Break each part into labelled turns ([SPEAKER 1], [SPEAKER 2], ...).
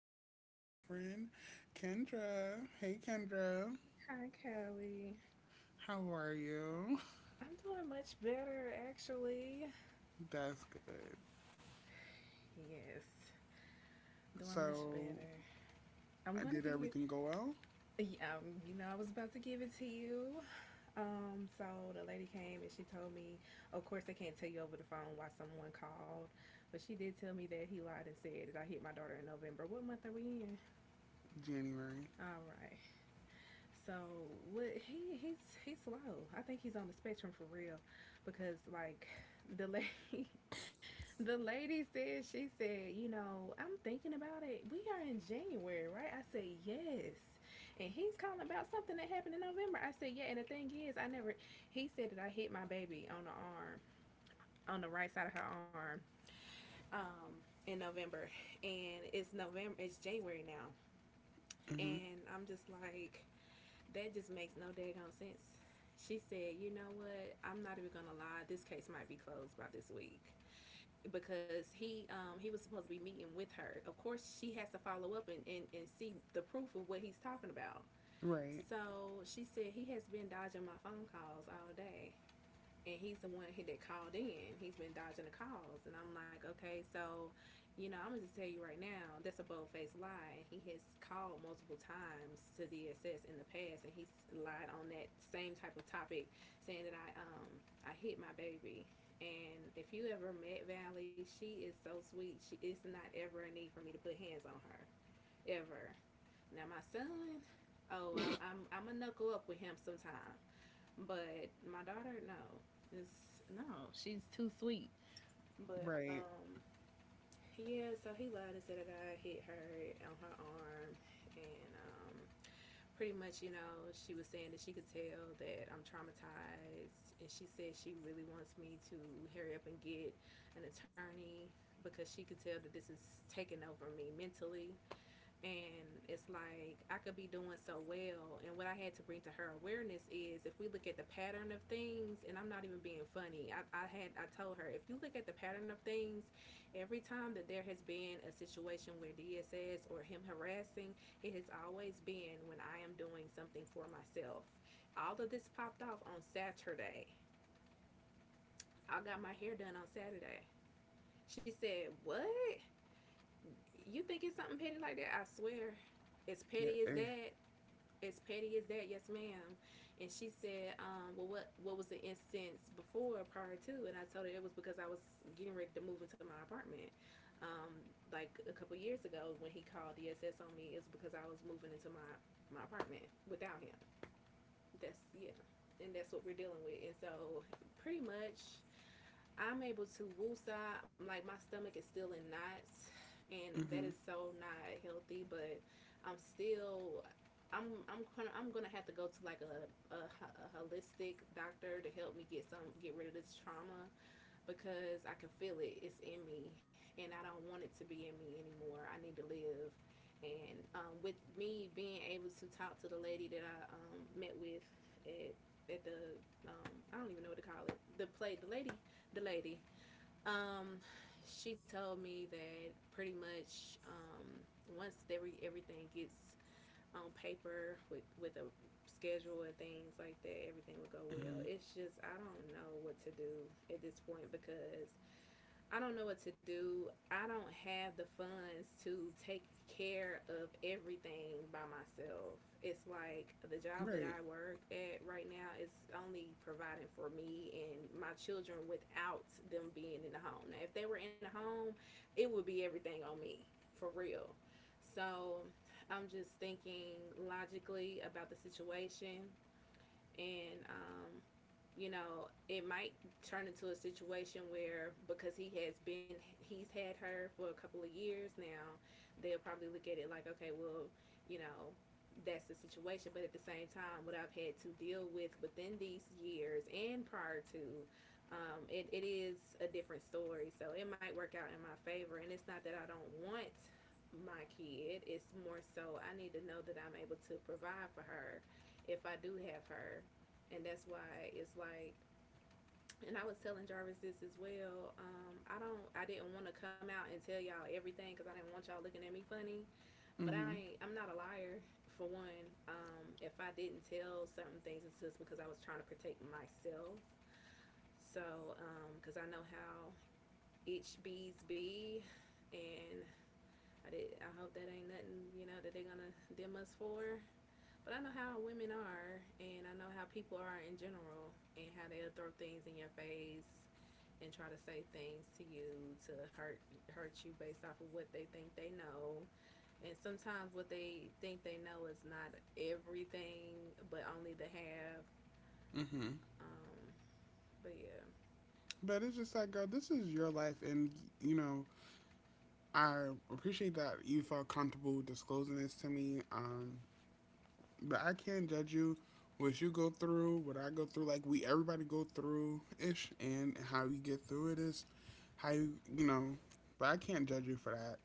[SPEAKER 1] my good good girlfriend, Kendra. Hey Kendra,
[SPEAKER 2] Hi, Kelly.
[SPEAKER 1] how are you?
[SPEAKER 2] I'm doing much better, actually.
[SPEAKER 1] That's good.
[SPEAKER 2] Yes, doing much better.
[SPEAKER 1] So,
[SPEAKER 2] I'm gonna give
[SPEAKER 1] did
[SPEAKER 2] you,
[SPEAKER 1] everything go well?
[SPEAKER 2] yeah, you know, I was about to give it to you. So the lady came and she told me, of course, they can't tell you over the phone why someone called, but she did tell me that he lied and said that I hit my daughter in November. What month are we in?
[SPEAKER 1] January.
[SPEAKER 2] All right. So what he he's slow. I think he's on the spectrum for real, because like the lady The lady said, she said, you know, I'm thinking about it. We are in January, right? I said, yes. And he's calling about something that happened in November. I said, yeah. And the thing is, I never, he said that I hit my baby on the arm, on the right side of her arm, in November. And it's November, it's January now.
[SPEAKER 1] Mhm.
[SPEAKER 2] And I'm just like, that just makes no daggone sense. She said, you know what? I'm not even going to lie. This case might be closed by this week, because he was supposed to be meeting with her. Of course, she has to follow up and and see the proof of what he's talking about.
[SPEAKER 1] Right.
[SPEAKER 2] So she said he has been dodging my phone calls all day and he's the one he that called in. He's been dodging the calls, and I'm like, okay, so, you know, I'm gonna just tell you right now, that's a bold faced lie. He has called multiple times to DSS in the past, and he's lied on that same type of topic, saying that I hit my baby. And if you ever met Valley, she is so sweet. She is not ever a need for me to put hands on her ever. Now my son, oh, I'm a knuckle up with him sometimes but my daughter, no, it's no, she's too sweet. But
[SPEAKER 1] Right.
[SPEAKER 2] yeah, so he lied and said a guy hit her on her arm, and pretty much, you know, she was saying that she could tell that I'm traumatized, and she said she really wants me to hurry up and get an attorney because she could tell that this is taking over me mentally and it's like I could be doing so well. And what I had to bring to her awareness is if we look at the pattern of things, and I'm not even being funny, I told her if you look at the pattern of things, every time that there has been a situation where DSS or him harassing, it has always been when I am doing something for myself. All of this popped off on Saturday. I got my hair done on Saturday. She said, what? You think it's something petty like that? I swear, as petty
[SPEAKER 1] Yeah.
[SPEAKER 2] as
[SPEAKER 1] Eh.
[SPEAKER 2] that, as petty as that, yes, ma'am. And she said, well, what was the instance before prior to? And I told her it was because I was getting ready to move into my apartment. Um, like a couple years ago when he called DSS on me, it's because I was moving into my apartment without him. That's yeah, and that's what we're dealing with. And so pretty much I'm able to woosah. I'm like my stomach is still in knots, and that is
[SPEAKER 1] Mhm.
[SPEAKER 2] so not healthy. But I'm still. I'm gonna have to go to like a holistic doctor to help me get some get rid of this trauma because I can feel it. It's in me, and I don't want it to be in me anymore. I need to live, and with me being able to talk to the lady that I met with at the I don't even know what to call it the play the lady um, she told me that pretty much once everything gets on paper with a schedule and things like that, everything would go well.
[SPEAKER 1] Mhm.
[SPEAKER 2] It's just I don't know what to do at this point because I don't know what to do. I don't have the funds to take care of everything by myself. It's like the job that I
[SPEAKER 1] Right.
[SPEAKER 2] work at right now is only providing for me and my children without them being in the home. Now, if they were in a home, it would be everything on me for real. So I'm just thinking logically about the situation and you know, it might turn into a situation where because he has been, he's had her for a couple of years now, they'll probably look at it like, okay, well, you know, that's the situation. But at the same time, what I've had to deal with within these years and prior to, it is a different story. So it might work out in my favor. And it's not that I don't want my kid, it's more so I need to know that I'm able to provide for her if I do have her and that's why it's like and I was telling Jarvis this as well. I didn't want to come out and tell y'all everything because I didn't want y'all looking at me funny. But I,
[SPEAKER 1] Mhm.
[SPEAKER 2] ain't, I'm not a liar for one. If I didn't tell certain things, it's just because I was trying to protect myself. So, because I know how itch bees be, and I did. I hope that ain't nothing, you know, that they're gonna dim us for. But I know how women are, and I know how people are in general, and how they'll throw things in your face and try to say things to you to hurt you based off of what they think they know. And sometimes what they think they know is not everything, but only the half.
[SPEAKER 1] Mhm.
[SPEAKER 2] Um, but yeah,
[SPEAKER 1] But it's just like, girl, this is your life, and you know, I appreciate that you felt comfortable disclosing this to me. But I can't judge you. What you go through, what I go through, like we everybody go through ish, and how you get through it is how you know. But I can't judge you for that,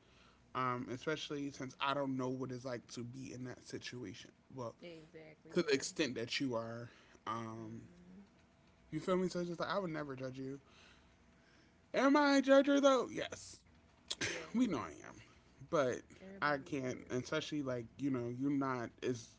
[SPEAKER 1] especially since I don't know what it's like to be in that situation. Well,
[SPEAKER 2] exactly,
[SPEAKER 1] to the
[SPEAKER 2] yeah.
[SPEAKER 1] extent that you are, um,
[SPEAKER 2] Hmm.
[SPEAKER 1] you feel me? So it's just like I would never judge you. Am I a judger though? Yes,
[SPEAKER 2] Yeah,
[SPEAKER 1] we know I am, but I
[SPEAKER 2] everybody
[SPEAKER 1] can't,
[SPEAKER 2] is.
[SPEAKER 1] especially like you're not is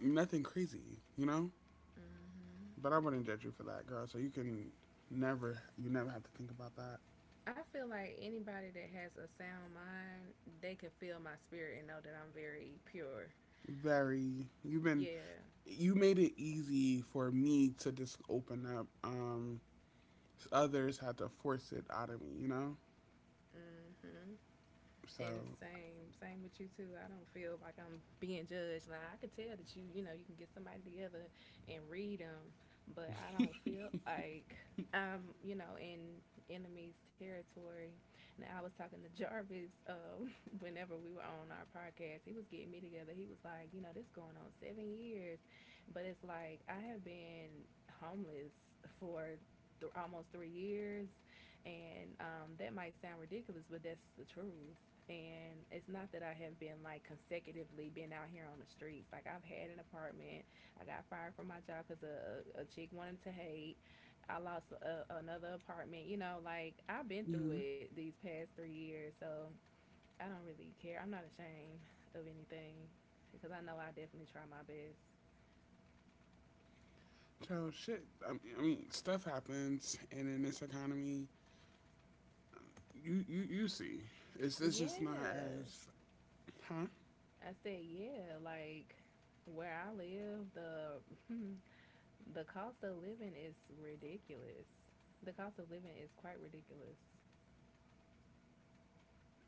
[SPEAKER 1] nothing crazy.
[SPEAKER 2] Hmm.
[SPEAKER 1] But I wouldn't judge you for that, girl. So you never have to think about that.
[SPEAKER 2] I feel like anybody that has a sound mind, they can feel my spirit and know that I'm very pure.
[SPEAKER 1] Very,
[SPEAKER 2] Yeah.
[SPEAKER 1] you made it easy for me to just open up. Others had to force it out of me.
[SPEAKER 2] Mm-hmm.
[SPEAKER 1] So,
[SPEAKER 2] And same with you too. I don't feel like I'm being judged. Now I can tell that you know, you can get somebody together and read them, but I don't
[SPEAKER 1] yeah.
[SPEAKER 2] feel like I'm, you know, in enemy's territory. Now I was talking to Jarvis whenever we were on our podcast. He was getting me together. He was like, you know, this going on 7 years, but it's like I have been homeless for almost 3 years and that might sound ridiculous, but that's the truth. And it's not that I have been like consecutively been out here on the streets. Like I've had an apartment. I got fired from my job because a chick wanted to hate. I lost another apartment. You know, like I've been through it these past 3 years. So I don't really care. I'm not ashamed of anything because I know I definitely try my best.
[SPEAKER 1] So shit. I mean, stuff happens, and in this economy, you see, it's just not
[SPEAKER 2] Yeah.
[SPEAKER 1] as, huh?
[SPEAKER 2] I said, yeah. Like where I live, the hmm, the cost of living is ridiculous. The cost of living is quite ridiculous.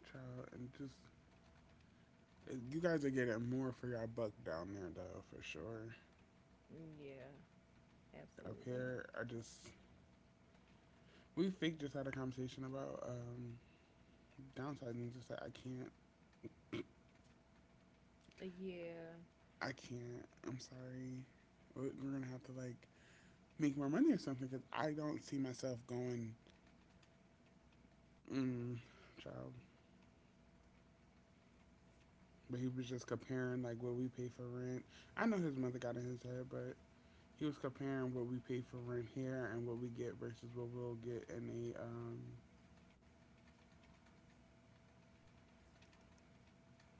[SPEAKER 1] Child, and just you guys are getting more for your buck down there, though, for sure.
[SPEAKER 2] Yeah,
[SPEAKER 1] Up
[SPEAKER 2] absolutely.
[SPEAKER 1] here. I just We fake just had a conversation about downsizing. Just like I can't,
[SPEAKER 2] Yeah,
[SPEAKER 1] I can't. I'm sorry. We're gonna have to like make more money or something because I don't see myself going. Mm, child, but he was just comparing like what we pay for rent. I know his mother got in his head, but he was comparing what we pay for rent here and what we get versus what we'll get in a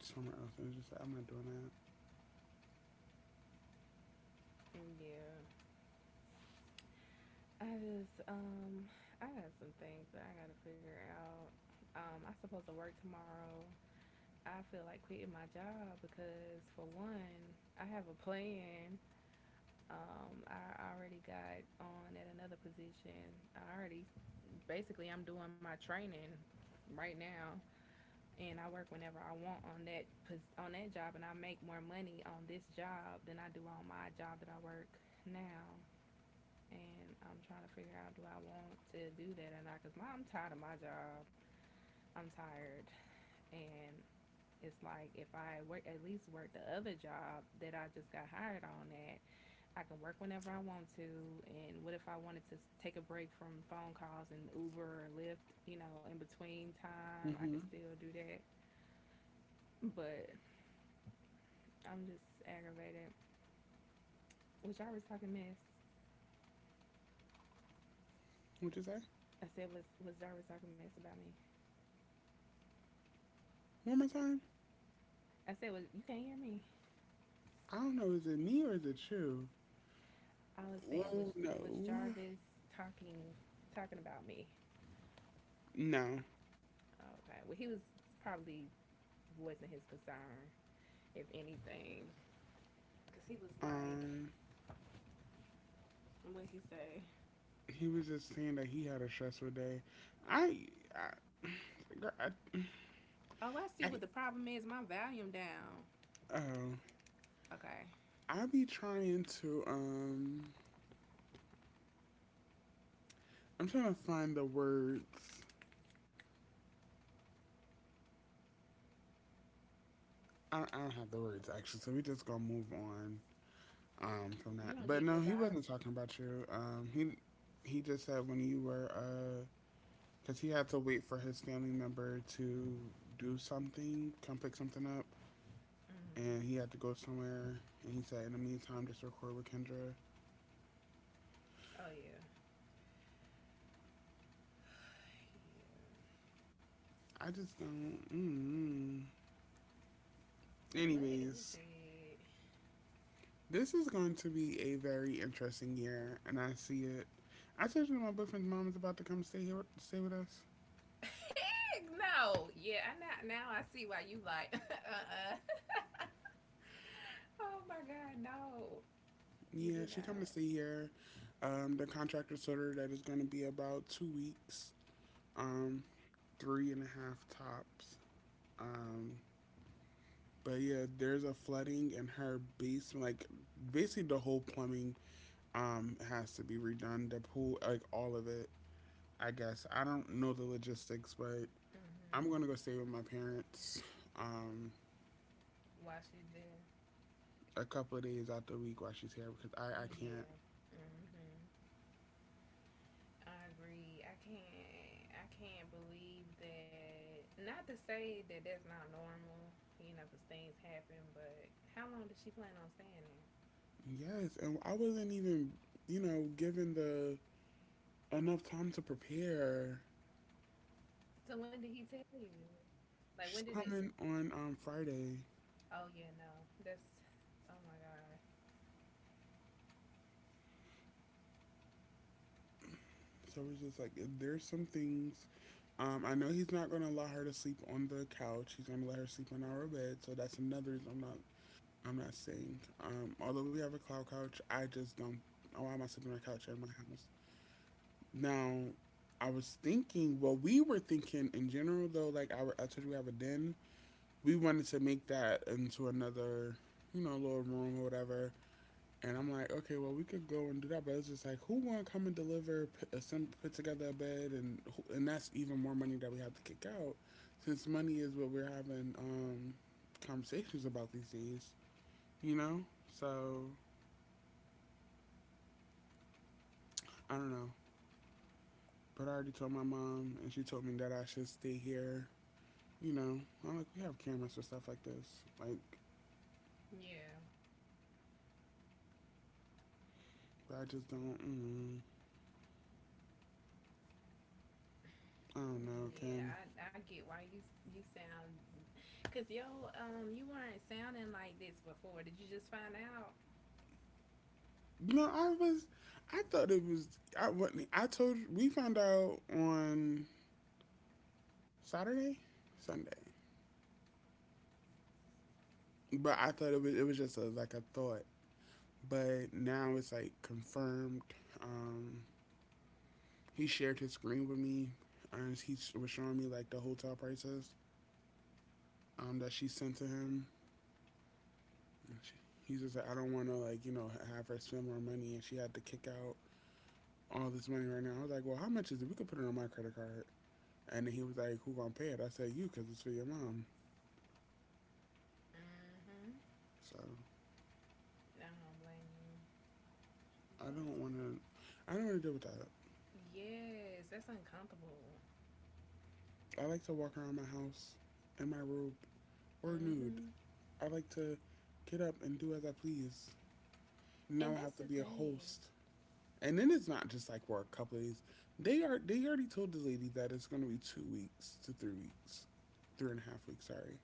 [SPEAKER 1] somewhere else. And it's just like, I'm not doing that.
[SPEAKER 2] yeah. I just um I got some things that I gotta figure out. I'm supposed to work tomorrow. I feel like quitting my job because for one, I have a plan. I already got on at another position. I already basically I'm doing my training right now and I work whenever I want on that job, and I make more money on this job than I do on my job that I work now. And I'm trying to figure out do I want to do that or not? Cause I'm tired of my job. I'm tired, and it's like if I work at least work the other job that I just got hired on at, I can work whenever I want to. And what if I wanted to take a break from phone calls and Uber or Lyft, you know, in between time? I could
[SPEAKER 1] Mm-hmm.
[SPEAKER 2] still do that. But I'm just aggravated. Was Jarvis talking mess?
[SPEAKER 1] What you say?
[SPEAKER 2] I said, was Jarvis talking mess about me?
[SPEAKER 1] One more time.
[SPEAKER 2] I said, was you can't hear me?
[SPEAKER 1] I don't know, is it me or is it you?
[SPEAKER 2] I was saying,
[SPEAKER 1] Oh
[SPEAKER 2] was
[SPEAKER 1] no.
[SPEAKER 2] Jarvis talking talking about me?
[SPEAKER 1] No.
[SPEAKER 2] Okay. Well, he was probably wasn't his concern, if anything, because he was like,
[SPEAKER 1] Um
[SPEAKER 2] what he say?
[SPEAKER 1] he was just saying that he had a stressful day. I I girl, I,
[SPEAKER 2] Oh, I see
[SPEAKER 1] I
[SPEAKER 2] what the problem is. My volume down.
[SPEAKER 1] oh.
[SPEAKER 2] Okay.
[SPEAKER 1] I be trying to um I'm trying to find the words. I don't have the words actually, so we just gonna move on from that.
[SPEAKER 2] You don't
[SPEAKER 1] But
[SPEAKER 2] get
[SPEAKER 1] no,
[SPEAKER 2] good
[SPEAKER 1] he
[SPEAKER 2] vibes.
[SPEAKER 1] wasn't talking about you. He just said when you were because he had to wait for his family member to do something, come pick something up. And he
[SPEAKER 2] Mm.
[SPEAKER 1] had to go somewhere. And he said, in the meantime, just record with Kendra.
[SPEAKER 2] Oh yeah.
[SPEAKER 1] I just don't. Mm-mm.
[SPEAKER 2] Yeah. What is
[SPEAKER 1] Anyways,
[SPEAKER 2] it?
[SPEAKER 1] this is going to be a very interesting year, and I see it. I told you my boyfriend's mom is about to come stay here, stay with us.
[SPEAKER 2] Heck no. Yeah, I now I see why you like. Uh-uh. Oh my God, no, you
[SPEAKER 1] Yeah,
[SPEAKER 2] did
[SPEAKER 1] she come to
[SPEAKER 2] not.
[SPEAKER 1] stay here. The contractor told her that it's going to be about 2 weeks, um, three and a half tops. Um, but yeah, there's a flooding in her basement, like basically the whole plumbing has to be redone. The pool, like all of it. I guess I don't know the logistics, but I'm gonna go
[SPEAKER 2] Mm-hmm.
[SPEAKER 1] stay with my parents um
[SPEAKER 2] While she's there.
[SPEAKER 1] a couple of days out the week while she's here because I can't.
[SPEAKER 2] Yeah. Mm-hmm. I agree. I can't. I can't believe that. Not to say that that's not normal, you know, 'cause things happen. But how long did she plan on staying there?
[SPEAKER 1] Yes, and I wasn't even given the enough time to prepare.
[SPEAKER 2] So when did he tell you? Like
[SPEAKER 1] She's
[SPEAKER 2] when did it?
[SPEAKER 1] coming on Friday,
[SPEAKER 2] Oh yeah, no. That's. Oh my God.
[SPEAKER 1] so it's just like there's some things. I know he's not gonna allow her to sleep on the couch. He's gonna let her sleep in our bed, so that's another reason I'm not saying. Although we have a cloud couch, I just don't. Oh, why am I sleeping on a couch in my house? Now, I was thinking. Well, we were thinking in general though. Like I told you, we have a den. We wanted to make that into another, little room or whatever. And I'm like, okay, well, we could go and do that, but it's just like, who want to come and deliver, put together a bed, and and that's even more money that we have to kick out, since money is what we're having conversations about these days, you know. So I don't know. But I already told my mom, and she told me that I should stay here. I'm like, we have cameras for stuff like this. Like,
[SPEAKER 2] Yeah.
[SPEAKER 1] I just don't. I don't know,
[SPEAKER 2] Yeah,
[SPEAKER 1] Ken.
[SPEAKER 2] I, I get why you sound, cause yo you weren't sounding like this before. Did you just find out?
[SPEAKER 1] No, I was. I thought it was. I wasn't. I told. We found out on Saturday, Sunday. But I thought it was. It was just like a thought. But now it's like confirmed. Um, he shared his screen with me, and he was showing me like the hotel prices that she sent to him. He's just like, I don't want to like have her spend more money, and she had to kick out all this money right now. I was like, well, how much is it? We could put it on my credit card. And then he was like, who gonna pay it? I said, you, cause it's for your mom.
[SPEAKER 2] Mm-hmm.
[SPEAKER 1] So
[SPEAKER 2] I don't blame you.
[SPEAKER 1] I
[SPEAKER 2] That's
[SPEAKER 1] don't want to, I don't want to deal with that.
[SPEAKER 2] yes, that's uncomfortable.
[SPEAKER 1] I like to walk around my house in my robe or nude.
[SPEAKER 2] Mm-hmm.
[SPEAKER 1] I like to get up and do as I please. Now I
[SPEAKER 2] And that's
[SPEAKER 1] have to
[SPEAKER 2] the
[SPEAKER 1] be a
[SPEAKER 2] thing.
[SPEAKER 1] host. And then it's not just like for a couple of days. They already told the lady that it's gonna be 2 weeks to 3 weeks. 3.5 weeks, sorry.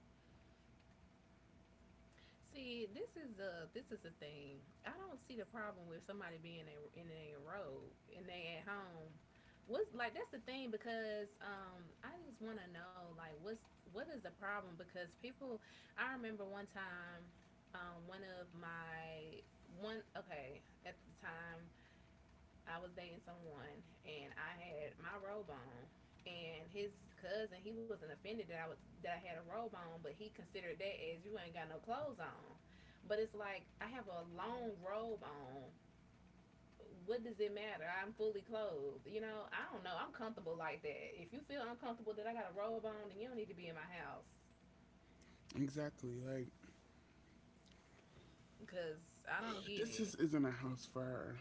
[SPEAKER 2] See, this is a thing. I don't see the problem with somebody being in a robe and they at home. What's like that's the thing because I just want to know like what is the problem because people I remember one time one of my one okay at the time I was dating someone and I had my robe on and his cousin he wasn't offended that I was that I had a robe on but he considered that as you ain't got no clothes on. But it's like I have a long robe on. What does it matter? I'm fully clothed. You know, I don't know. I'm comfortable like that. If you feel uncomfortable that I got a robe on, then you don't need to be in my house
[SPEAKER 1] Exactly. Like
[SPEAKER 2] cuz I don't get
[SPEAKER 1] this
[SPEAKER 2] it.
[SPEAKER 1] just isn't a house fire.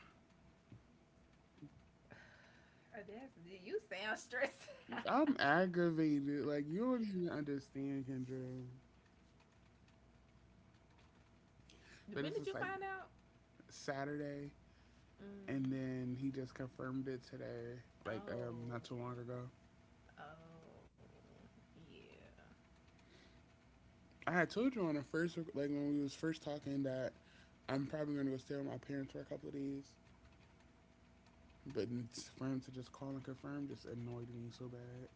[SPEAKER 2] Oh, that's you sound stressed.
[SPEAKER 1] I'm aggravated. Like you don't even understand, Kendra. But
[SPEAKER 2] When
[SPEAKER 1] it's
[SPEAKER 2] did
[SPEAKER 1] just
[SPEAKER 2] you
[SPEAKER 1] like
[SPEAKER 2] find out?
[SPEAKER 1] Saturday, and
[SPEAKER 2] Mm,
[SPEAKER 1] then he just confirmed it today. Like
[SPEAKER 2] oh,
[SPEAKER 1] not too long ago.
[SPEAKER 2] oh, yeah.
[SPEAKER 1] I had told you on the first, like when we was first talking, that I'm probably gonna go stay with my parents for a couple of days. But for him to just call and confirm just annoyed me so bad.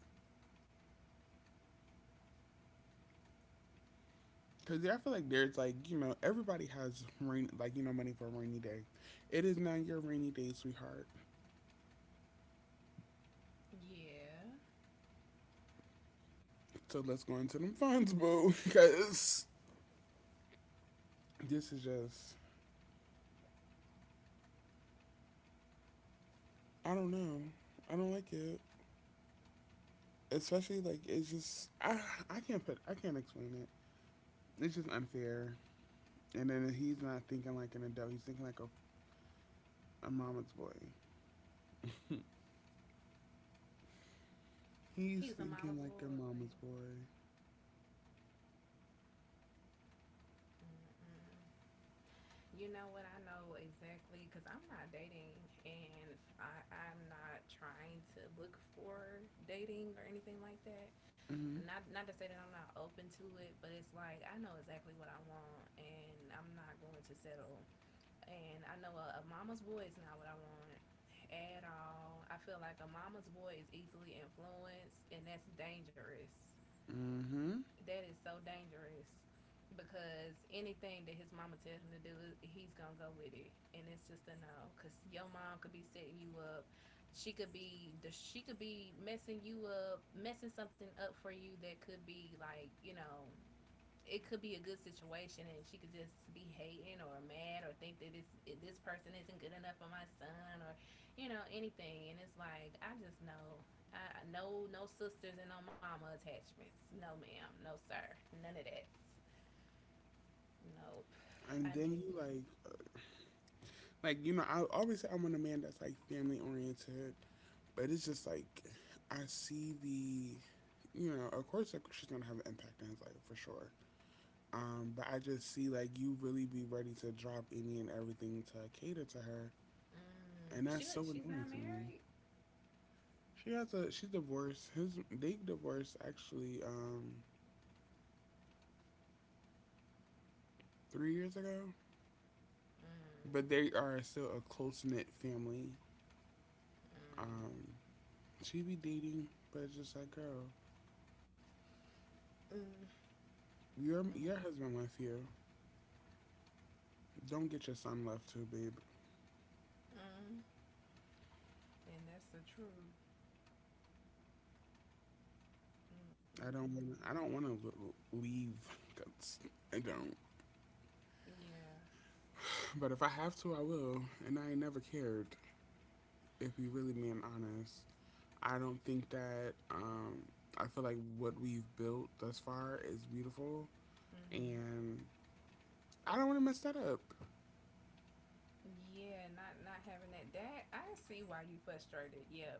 [SPEAKER 1] Cause yeah, I feel like there's like everybody has rain like money for a rainy day. It is not your rainy day, sweetheart.
[SPEAKER 2] Yeah.
[SPEAKER 1] So let's go into them funds, boo, because this is just I don't know. I don't like it, especially like it's just I can't explain it. It's just unfair. And then he's not thinking like an adult. He's thinking like a mama's boy. He's
[SPEAKER 2] He's a
[SPEAKER 1] thinking
[SPEAKER 2] mama's
[SPEAKER 1] like a
[SPEAKER 2] boy.
[SPEAKER 1] mama's boy.
[SPEAKER 2] Mm-mm. You know what? I know exactly because I'm not dating and I'm not trying to look for dating or anything like that. And
[SPEAKER 1] Mhm.
[SPEAKER 2] not to say that I'm not open to it, but it's like I know exactly what I want and I'm not going to settle. And I know a mama's boy is not what I want at all. I feel like a mama's boy is easily influenced and that's dangerous,
[SPEAKER 1] Mhm.
[SPEAKER 2] that is so dangerous because anything that his mama tells him to do, he's gonna go with it, and it's just a no. Cause your mom could be setting you up, she could be the she could be messing you up, messing something up for you that could be like you know it could be a good situation and she could just be hating or mad or think that this person isn't good enough for my son or you know anything and it's like I just know I no no sisters and no mama attachments, no ma'am, no sir, none of that, nope.
[SPEAKER 1] And
[SPEAKER 2] I
[SPEAKER 1] then
[SPEAKER 2] need
[SPEAKER 1] he
[SPEAKER 2] you.
[SPEAKER 1] like I always say I want a man that's like family oriented. But it's just like I see the, of course like, she's gonna have an impact on his life for sure. But I just see like you really be ready to drop any and everything to cater to her,
[SPEAKER 2] Mm,
[SPEAKER 1] and
[SPEAKER 2] but
[SPEAKER 1] that's so
[SPEAKER 2] she's
[SPEAKER 1] annoying
[SPEAKER 2] not
[SPEAKER 1] to me.
[SPEAKER 2] married.
[SPEAKER 1] She has a she's divorced. His they divorced actually 3 years ago,
[SPEAKER 2] Mm,
[SPEAKER 1] but they are still a close knit family.
[SPEAKER 2] mm,
[SPEAKER 1] Um, she be dating, but just like girl,
[SPEAKER 2] mm, mm,
[SPEAKER 1] your husband left you. Don't get your son left too, babe.
[SPEAKER 2] mm. And that's the truth. Mm,
[SPEAKER 1] I
[SPEAKER 2] mm,
[SPEAKER 1] don't
[SPEAKER 2] mm.
[SPEAKER 1] want. I don't want to leave. 'Cause I don't.
[SPEAKER 2] Yeah.
[SPEAKER 1] But if I have to, I will. And I ain't never cared. If we really being honest, I don't think that. I feel like what we've built thus far is beautiful,
[SPEAKER 2] Mm.
[SPEAKER 1] and I don't want to mess that up.
[SPEAKER 2] Yeah, not having that. That I see why you frustrated. Yep,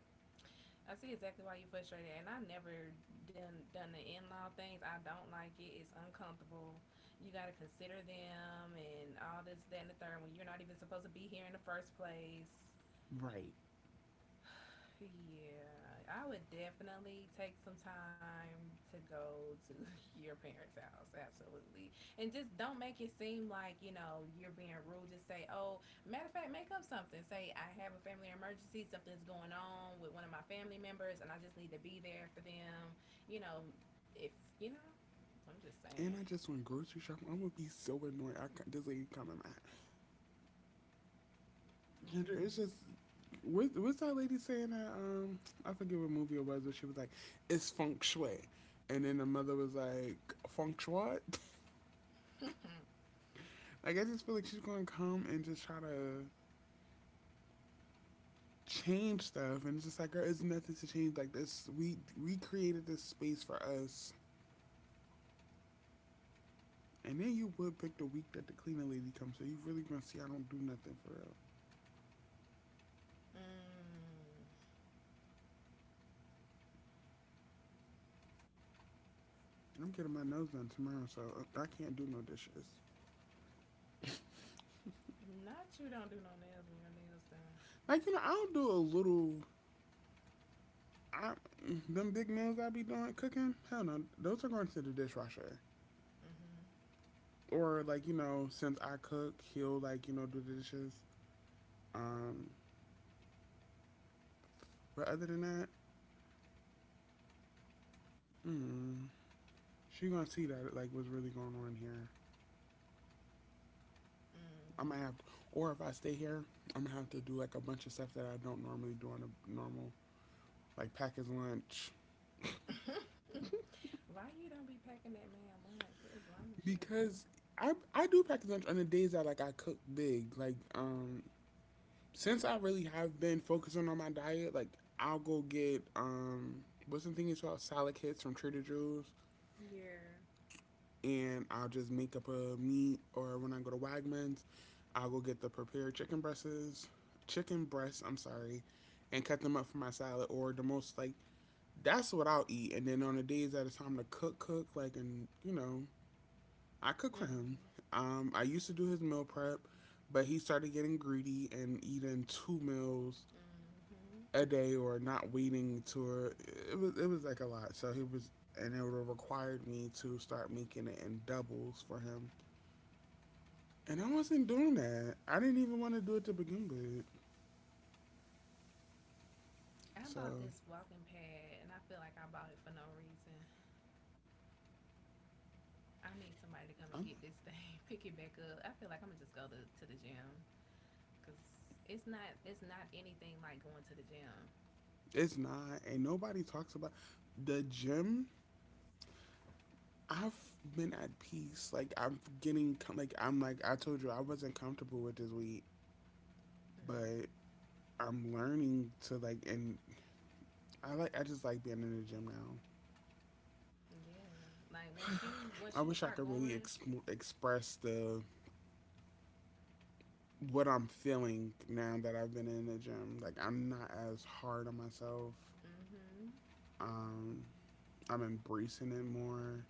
[SPEAKER 2] I see exactly why you frustrated. And I never done the in law things. I don't like it. It's uncomfortable. You gotta consider them and all this, that, and the third when you're not even supposed to be here in the first place.
[SPEAKER 1] Right.
[SPEAKER 2] Yeah, I would definitely take some time to go to your parents' house. Absolutely. And just don't make it seem like, you know, you're being rude. Just say, oh, matter of fact, make up something. Say, I have a family emergency. Something's going on with one of my family members, and I just need to be there for them. You know, if, you know, I'm just
[SPEAKER 1] And
[SPEAKER 2] saying.
[SPEAKER 1] I just went grocery shopping. I'm gonna be so annoyed. This lady come in my. And it's
[SPEAKER 2] Mm.
[SPEAKER 1] just what's that lady saying that I forget what movie it was, but she was like, "It's feng shui," and then the mother was like, "Feng shui." Like I just feel like she's gonna come and just try to change stuff, and it's just like, girl, it's nothing to change. Like this, we created this space for us, and then you would pick the week that the cleaning lady comes, so you really gonna see I don't do nothing for real.
[SPEAKER 2] Mm.
[SPEAKER 1] And I'm getting my nose done tomorrow, so I can't do no dishes.
[SPEAKER 2] Not you don't do no nails when your nails done.
[SPEAKER 1] Like I'll do a little I, them big meals I be doing cooking, hell no, those are going to the dishwasher. Or like since I cook, he'll like do the dishes. Um, but other than that, mm, she gonna see that like what's really going on here. I might have, to, or if I stay here, I'm gonna have to do like a bunch of stuff that I don't normally do on a normal like package lunch
[SPEAKER 2] Mm-hmm. Mm. Why you don't be packing that man lunch? What is wrong with you?
[SPEAKER 1] because I do package lunch on the days that like I cook big. Like since I really have been focusing on my diet, like I'll go get what's the thing it's called salad kits from Trader Joe's,
[SPEAKER 2] Yeah.
[SPEAKER 1] and I'll just make up a meat. Or when I go to Wegmans, I'll go get the prepared chicken breasts, chicken breasts. I'm sorry, and cut them up for my salad. Or the most like that's what I'll eat. And then on the days that it's time to cook, cook like and I cook for
[SPEAKER 2] Hmm.
[SPEAKER 1] him. I used to do his meal prep, but he started getting greedy and eating two meals
[SPEAKER 2] Mhm.
[SPEAKER 1] a day or not weaning to it was like a lot. So he was and it would have required me to start making it in doubles for him. And I wasn't doing that. I didn't even want to do it to begin with.
[SPEAKER 2] I
[SPEAKER 1] So
[SPEAKER 2] bought this walking pad and I feel like I bought it for no reason. I need somebody to come and
[SPEAKER 1] I'm,
[SPEAKER 2] get this thing, pick it back up. I feel like I'm gonna just go to the gym because it's not anything like going to the gym.
[SPEAKER 1] it's not and nobody talks about the gym. I've been at peace. Like I'm getting like I'm like I told you I wasn't comfortable with this week, but
[SPEAKER 2] Hmm.
[SPEAKER 1] I'm learning to like and I like I just like being in the gym now.
[SPEAKER 2] Yeah, like once you
[SPEAKER 1] I wish
[SPEAKER 2] start
[SPEAKER 1] I could really
[SPEAKER 2] going,
[SPEAKER 1] express the what I'm feeling now that I've been in the gym. Like I'm not as hard on myself.
[SPEAKER 2] hmm,
[SPEAKER 1] Um, I'm embracing it more.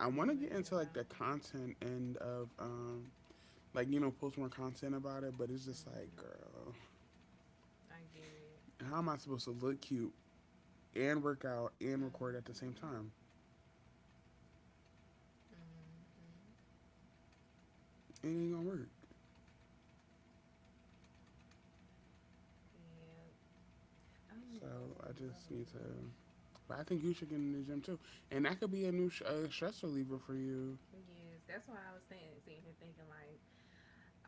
[SPEAKER 1] I want
[SPEAKER 2] you
[SPEAKER 1] to
[SPEAKER 2] in
[SPEAKER 1] get
[SPEAKER 2] your
[SPEAKER 1] into like
[SPEAKER 2] zone.
[SPEAKER 1] the content end of like post more content about it, but it's just like,
[SPEAKER 2] Hmm.
[SPEAKER 1] girl,
[SPEAKER 2] I get it.
[SPEAKER 1] how am I supposed to look cute and work out and record at the same
[SPEAKER 2] Hmm.
[SPEAKER 1] time?
[SPEAKER 2] Hmm.
[SPEAKER 1] It ain't gonna work.
[SPEAKER 2] Yeah. Oh,
[SPEAKER 1] So
[SPEAKER 2] oh,
[SPEAKER 1] I just need to.
[SPEAKER 2] Beverly.
[SPEAKER 1] But I think you should get in the gym too, and that could be a new stress reliever for you.
[SPEAKER 2] Yes, that's why I was standing sitting here thinking like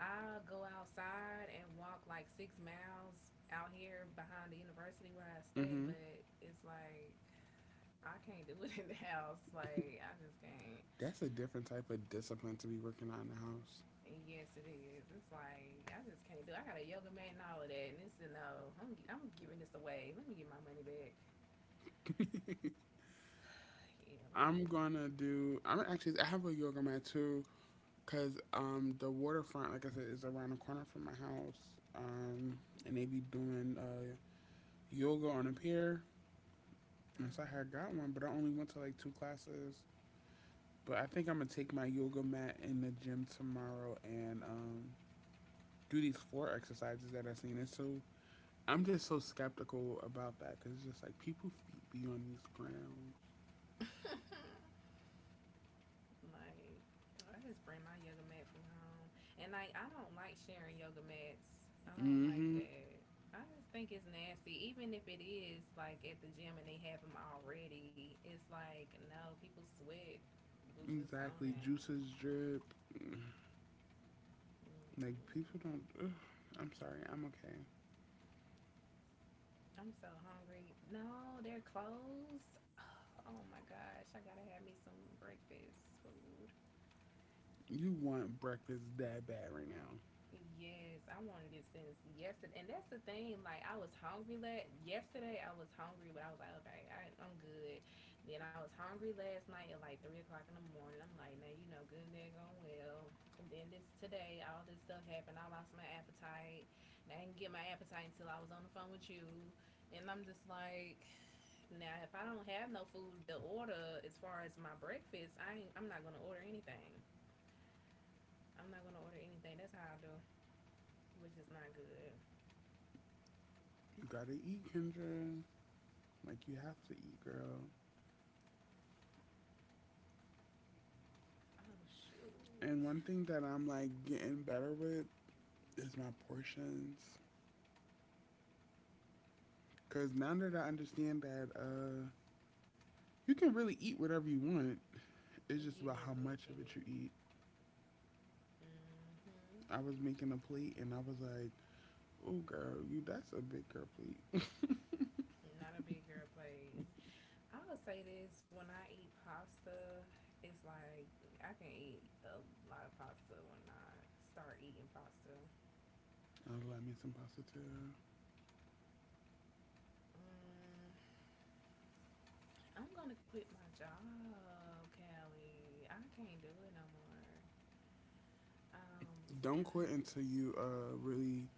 [SPEAKER 2] I'll go outside and walk like 6 miles out here behind the university where I stay,
[SPEAKER 1] Mm-hmm.
[SPEAKER 2] but it's like I can't do it in the house. Like I just can't.
[SPEAKER 1] That's a different type of discipline to be working out in
[SPEAKER 2] And yes, it is. It's like I just can't do. It. I got a yoga mat and all of that, and it's a no. I'm giving this away. Let me get my money back.
[SPEAKER 1] the house.
[SPEAKER 2] Yeah, let me
[SPEAKER 1] I'm
[SPEAKER 2] get my.
[SPEAKER 1] gonna do. I'm actually. I have a yoga mat too, cause the waterfront, like I said, is around the corner from my house. Um, and they be doing yoga on a pier. And so I had got one, but I only went to like two classes. But I think I'm gonna take my yoga mat in the gym tomorrow and do these floor exercises that I've seen. It's so I'm just so skeptical about that because it's just like people feet be on these grounds.
[SPEAKER 2] Mm. Like, I just bring my yoga mat from home. And, like, I don't like sharing yoga mats. I don't like
[SPEAKER 1] Mm-hmm.
[SPEAKER 2] that. I just think it's nasty. Even if it is, like, at the gym and they have them already, it's like, no, people sweat. Was just on
[SPEAKER 1] Exactly.
[SPEAKER 2] that.
[SPEAKER 1] Juices drip. Like
[SPEAKER 2] Mm-mm.
[SPEAKER 1] people don't. Ugh, I'm sorry. I'm okay.
[SPEAKER 2] I'm so hungry. No, they're closed. Oh my gosh, I gotta have me some breakfast food.
[SPEAKER 1] You want breakfast that bad right now?
[SPEAKER 2] Yes, I wanted it since yesterday, and that's the thing. Like I was hungry last yesterday. I was hungry, but I was like, okay, I'm good. Then I was hungry last night at like 3 o'clock in the morning. I'm like, now you know, good and there going well. And then this today, all this stuff happened. I lost my appetite. And I didn't get my appetite until I was on the phone with you. And I'm just like, now if I don't have no food to order as far as my breakfast, I'm not gonna order anything. I'm not gonna order anything. That's how I do, which is not good.
[SPEAKER 1] You gotta eat, Kendra. Like you have to eat, girl.
[SPEAKER 2] Oh shoot.
[SPEAKER 1] And one thing that I'm like getting better with is my portions. Cause now that I understand that you can really eat whatever you want. It's just
[SPEAKER 2] You
[SPEAKER 1] about how
[SPEAKER 2] definitely
[SPEAKER 1] much
[SPEAKER 2] can.
[SPEAKER 1] of it you eat.
[SPEAKER 2] Mm hmm.
[SPEAKER 1] I was making a plate and I was like, "Oh, girl, you that's a big girl plate."
[SPEAKER 2] Not a big girl plate. I would say this when I eat pasta, it's like I can eat a lot of pasta when I start eating pasta.
[SPEAKER 1] Oh, let me some positive.
[SPEAKER 2] Mm, I'm gonna quit my job, Callie. I can't do it no more. Um,
[SPEAKER 1] Don't
[SPEAKER 2] and I
[SPEAKER 1] quit until you really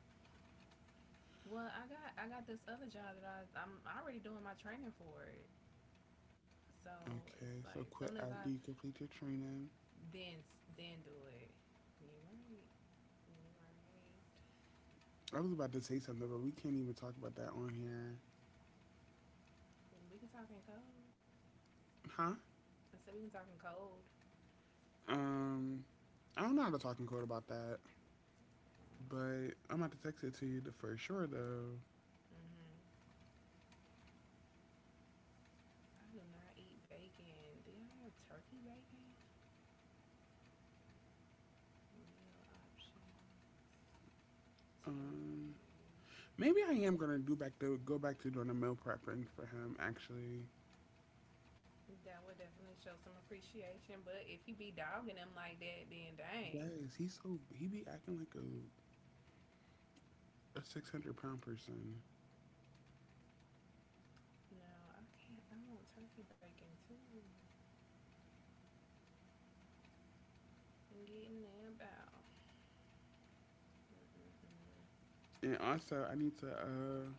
[SPEAKER 2] Well, I got this other job that I'm already doing my training for it. So it's
[SPEAKER 1] okay.
[SPEAKER 2] like as
[SPEAKER 1] So
[SPEAKER 2] soon
[SPEAKER 1] quit
[SPEAKER 2] as I
[SPEAKER 1] after you complete your training.
[SPEAKER 2] then then do it. You right. You right.
[SPEAKER 1] I was about to say something, but we can't even talk about that on here,
[SPEAKER 2] We can talk in code.
[SPEAKER 1] huh?
[SPEAKER 2] I said we can talk in code.
[SPEAKER 1] Um, I don't know how to talk in code about that, but I'm about to text it to you for sure though.
[SPEAKER 2] Mm-hmm. I do not eat bacon. Do y'all have turkey bacon? Meal option turkey.
[SPEAKER 1] Um, maybe I am gonna do back to go back to doing the meal prepping for him. Actually,
[SPEAKER 2] That would definitely show some appreciation. But if you be dogging them like that, then dang.
[SPEAKER 1] guys, he's so he be acting like a 600-pound person,
[SPEAKER 2] No, I can't. I want turkey bacon too. I'm getting that about. Mm-mm-mm.
[SPEAKER 1] and also I need to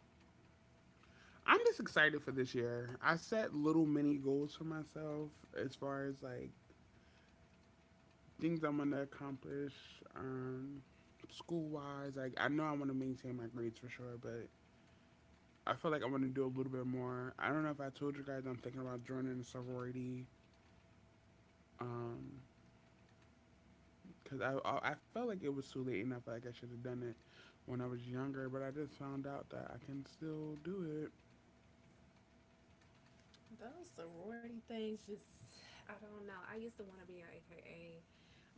[SPEAKER 1] I'm just excited for this year. I set little mini goals for myself as far as like things I'm gonna accomplish, um, school wise. Like I know I want to maintain my grades for sure, but I feel like I want to do a little bit more. I don't know if I told you guys I'm thinking about joining a sorority, um, cause I felt like it was too late and I felt like I should have done it when I was younger, but I just found out that I can still do it.
[SPEAKER 2] Those sorority things just I don't know. I used to want to be an AKA,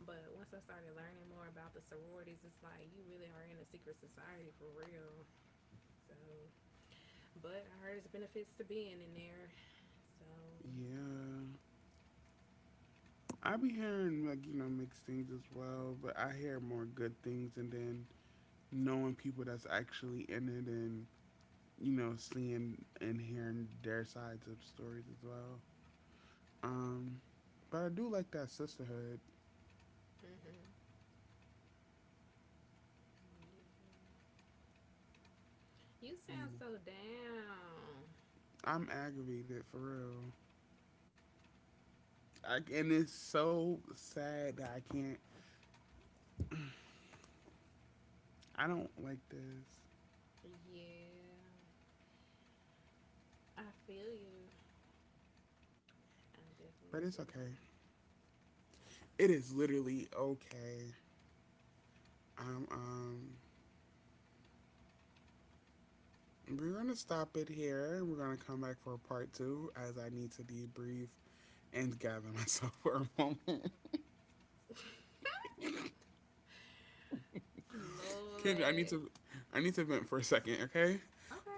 [SPEAKER 2] but once I started learning more about the sororities, it's like you really are in a secret society for real. So, but I heard there's benefits to being in there. So,
[SPEAKER 1] Yeah. I be hearing like mixed things as well, but I hear more good things, and then knowing people that's actually in it, and seeing and hearing their sides of stories as well. Um, but I do like that sisterhood.
[SPEAKER 2] mhm. You
[SPEAKER 1] You know,
[SPEAKER 2] sound so down.
[SPEAKER 1] I'm aggravated for real, I, and it's so sad that I can't. I don't like this,
[SPEAKER 2] Yeah, I feel you. I definitely
[SPEAKER 1] but
[SPEAKER 2] feel
[SPEAKER 1] it's
[SPEAKER 2] you.
[SPEAKER 1] okay. It is literally okay. Um, um, we're going to stop it here. We're going to come back for part 2 as I need to debrief and gather myself for a moment. Kendra,
[SPEAKER 2] Lord.
[SPEAKER 1] I need to vent for a second, okay?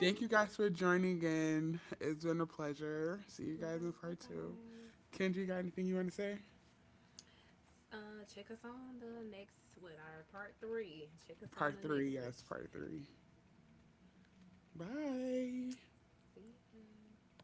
[SPEAKER 1] Thank you guys for joining in. It's been a pleasure. See you
[SPEAKER 2] Bye,
[SPEAKER 1] guys in part 2.
[SPEAKER 2] guys.
[SPEAKER 1] Kendra, you got anything you want to say?
[SPEAKER 2] Check us on the next, what, our part 3. Check us on
[SPEAKER 1] Part
[SPEAKER 2] the
[SPEAKER 1] three,
[SPEAKER 2] next
[SPEAKER 1] yes,
[SPEAKER 2] session.
[SPEAKER 1] part 3. Bye.
[SPEAKER 2] See ya.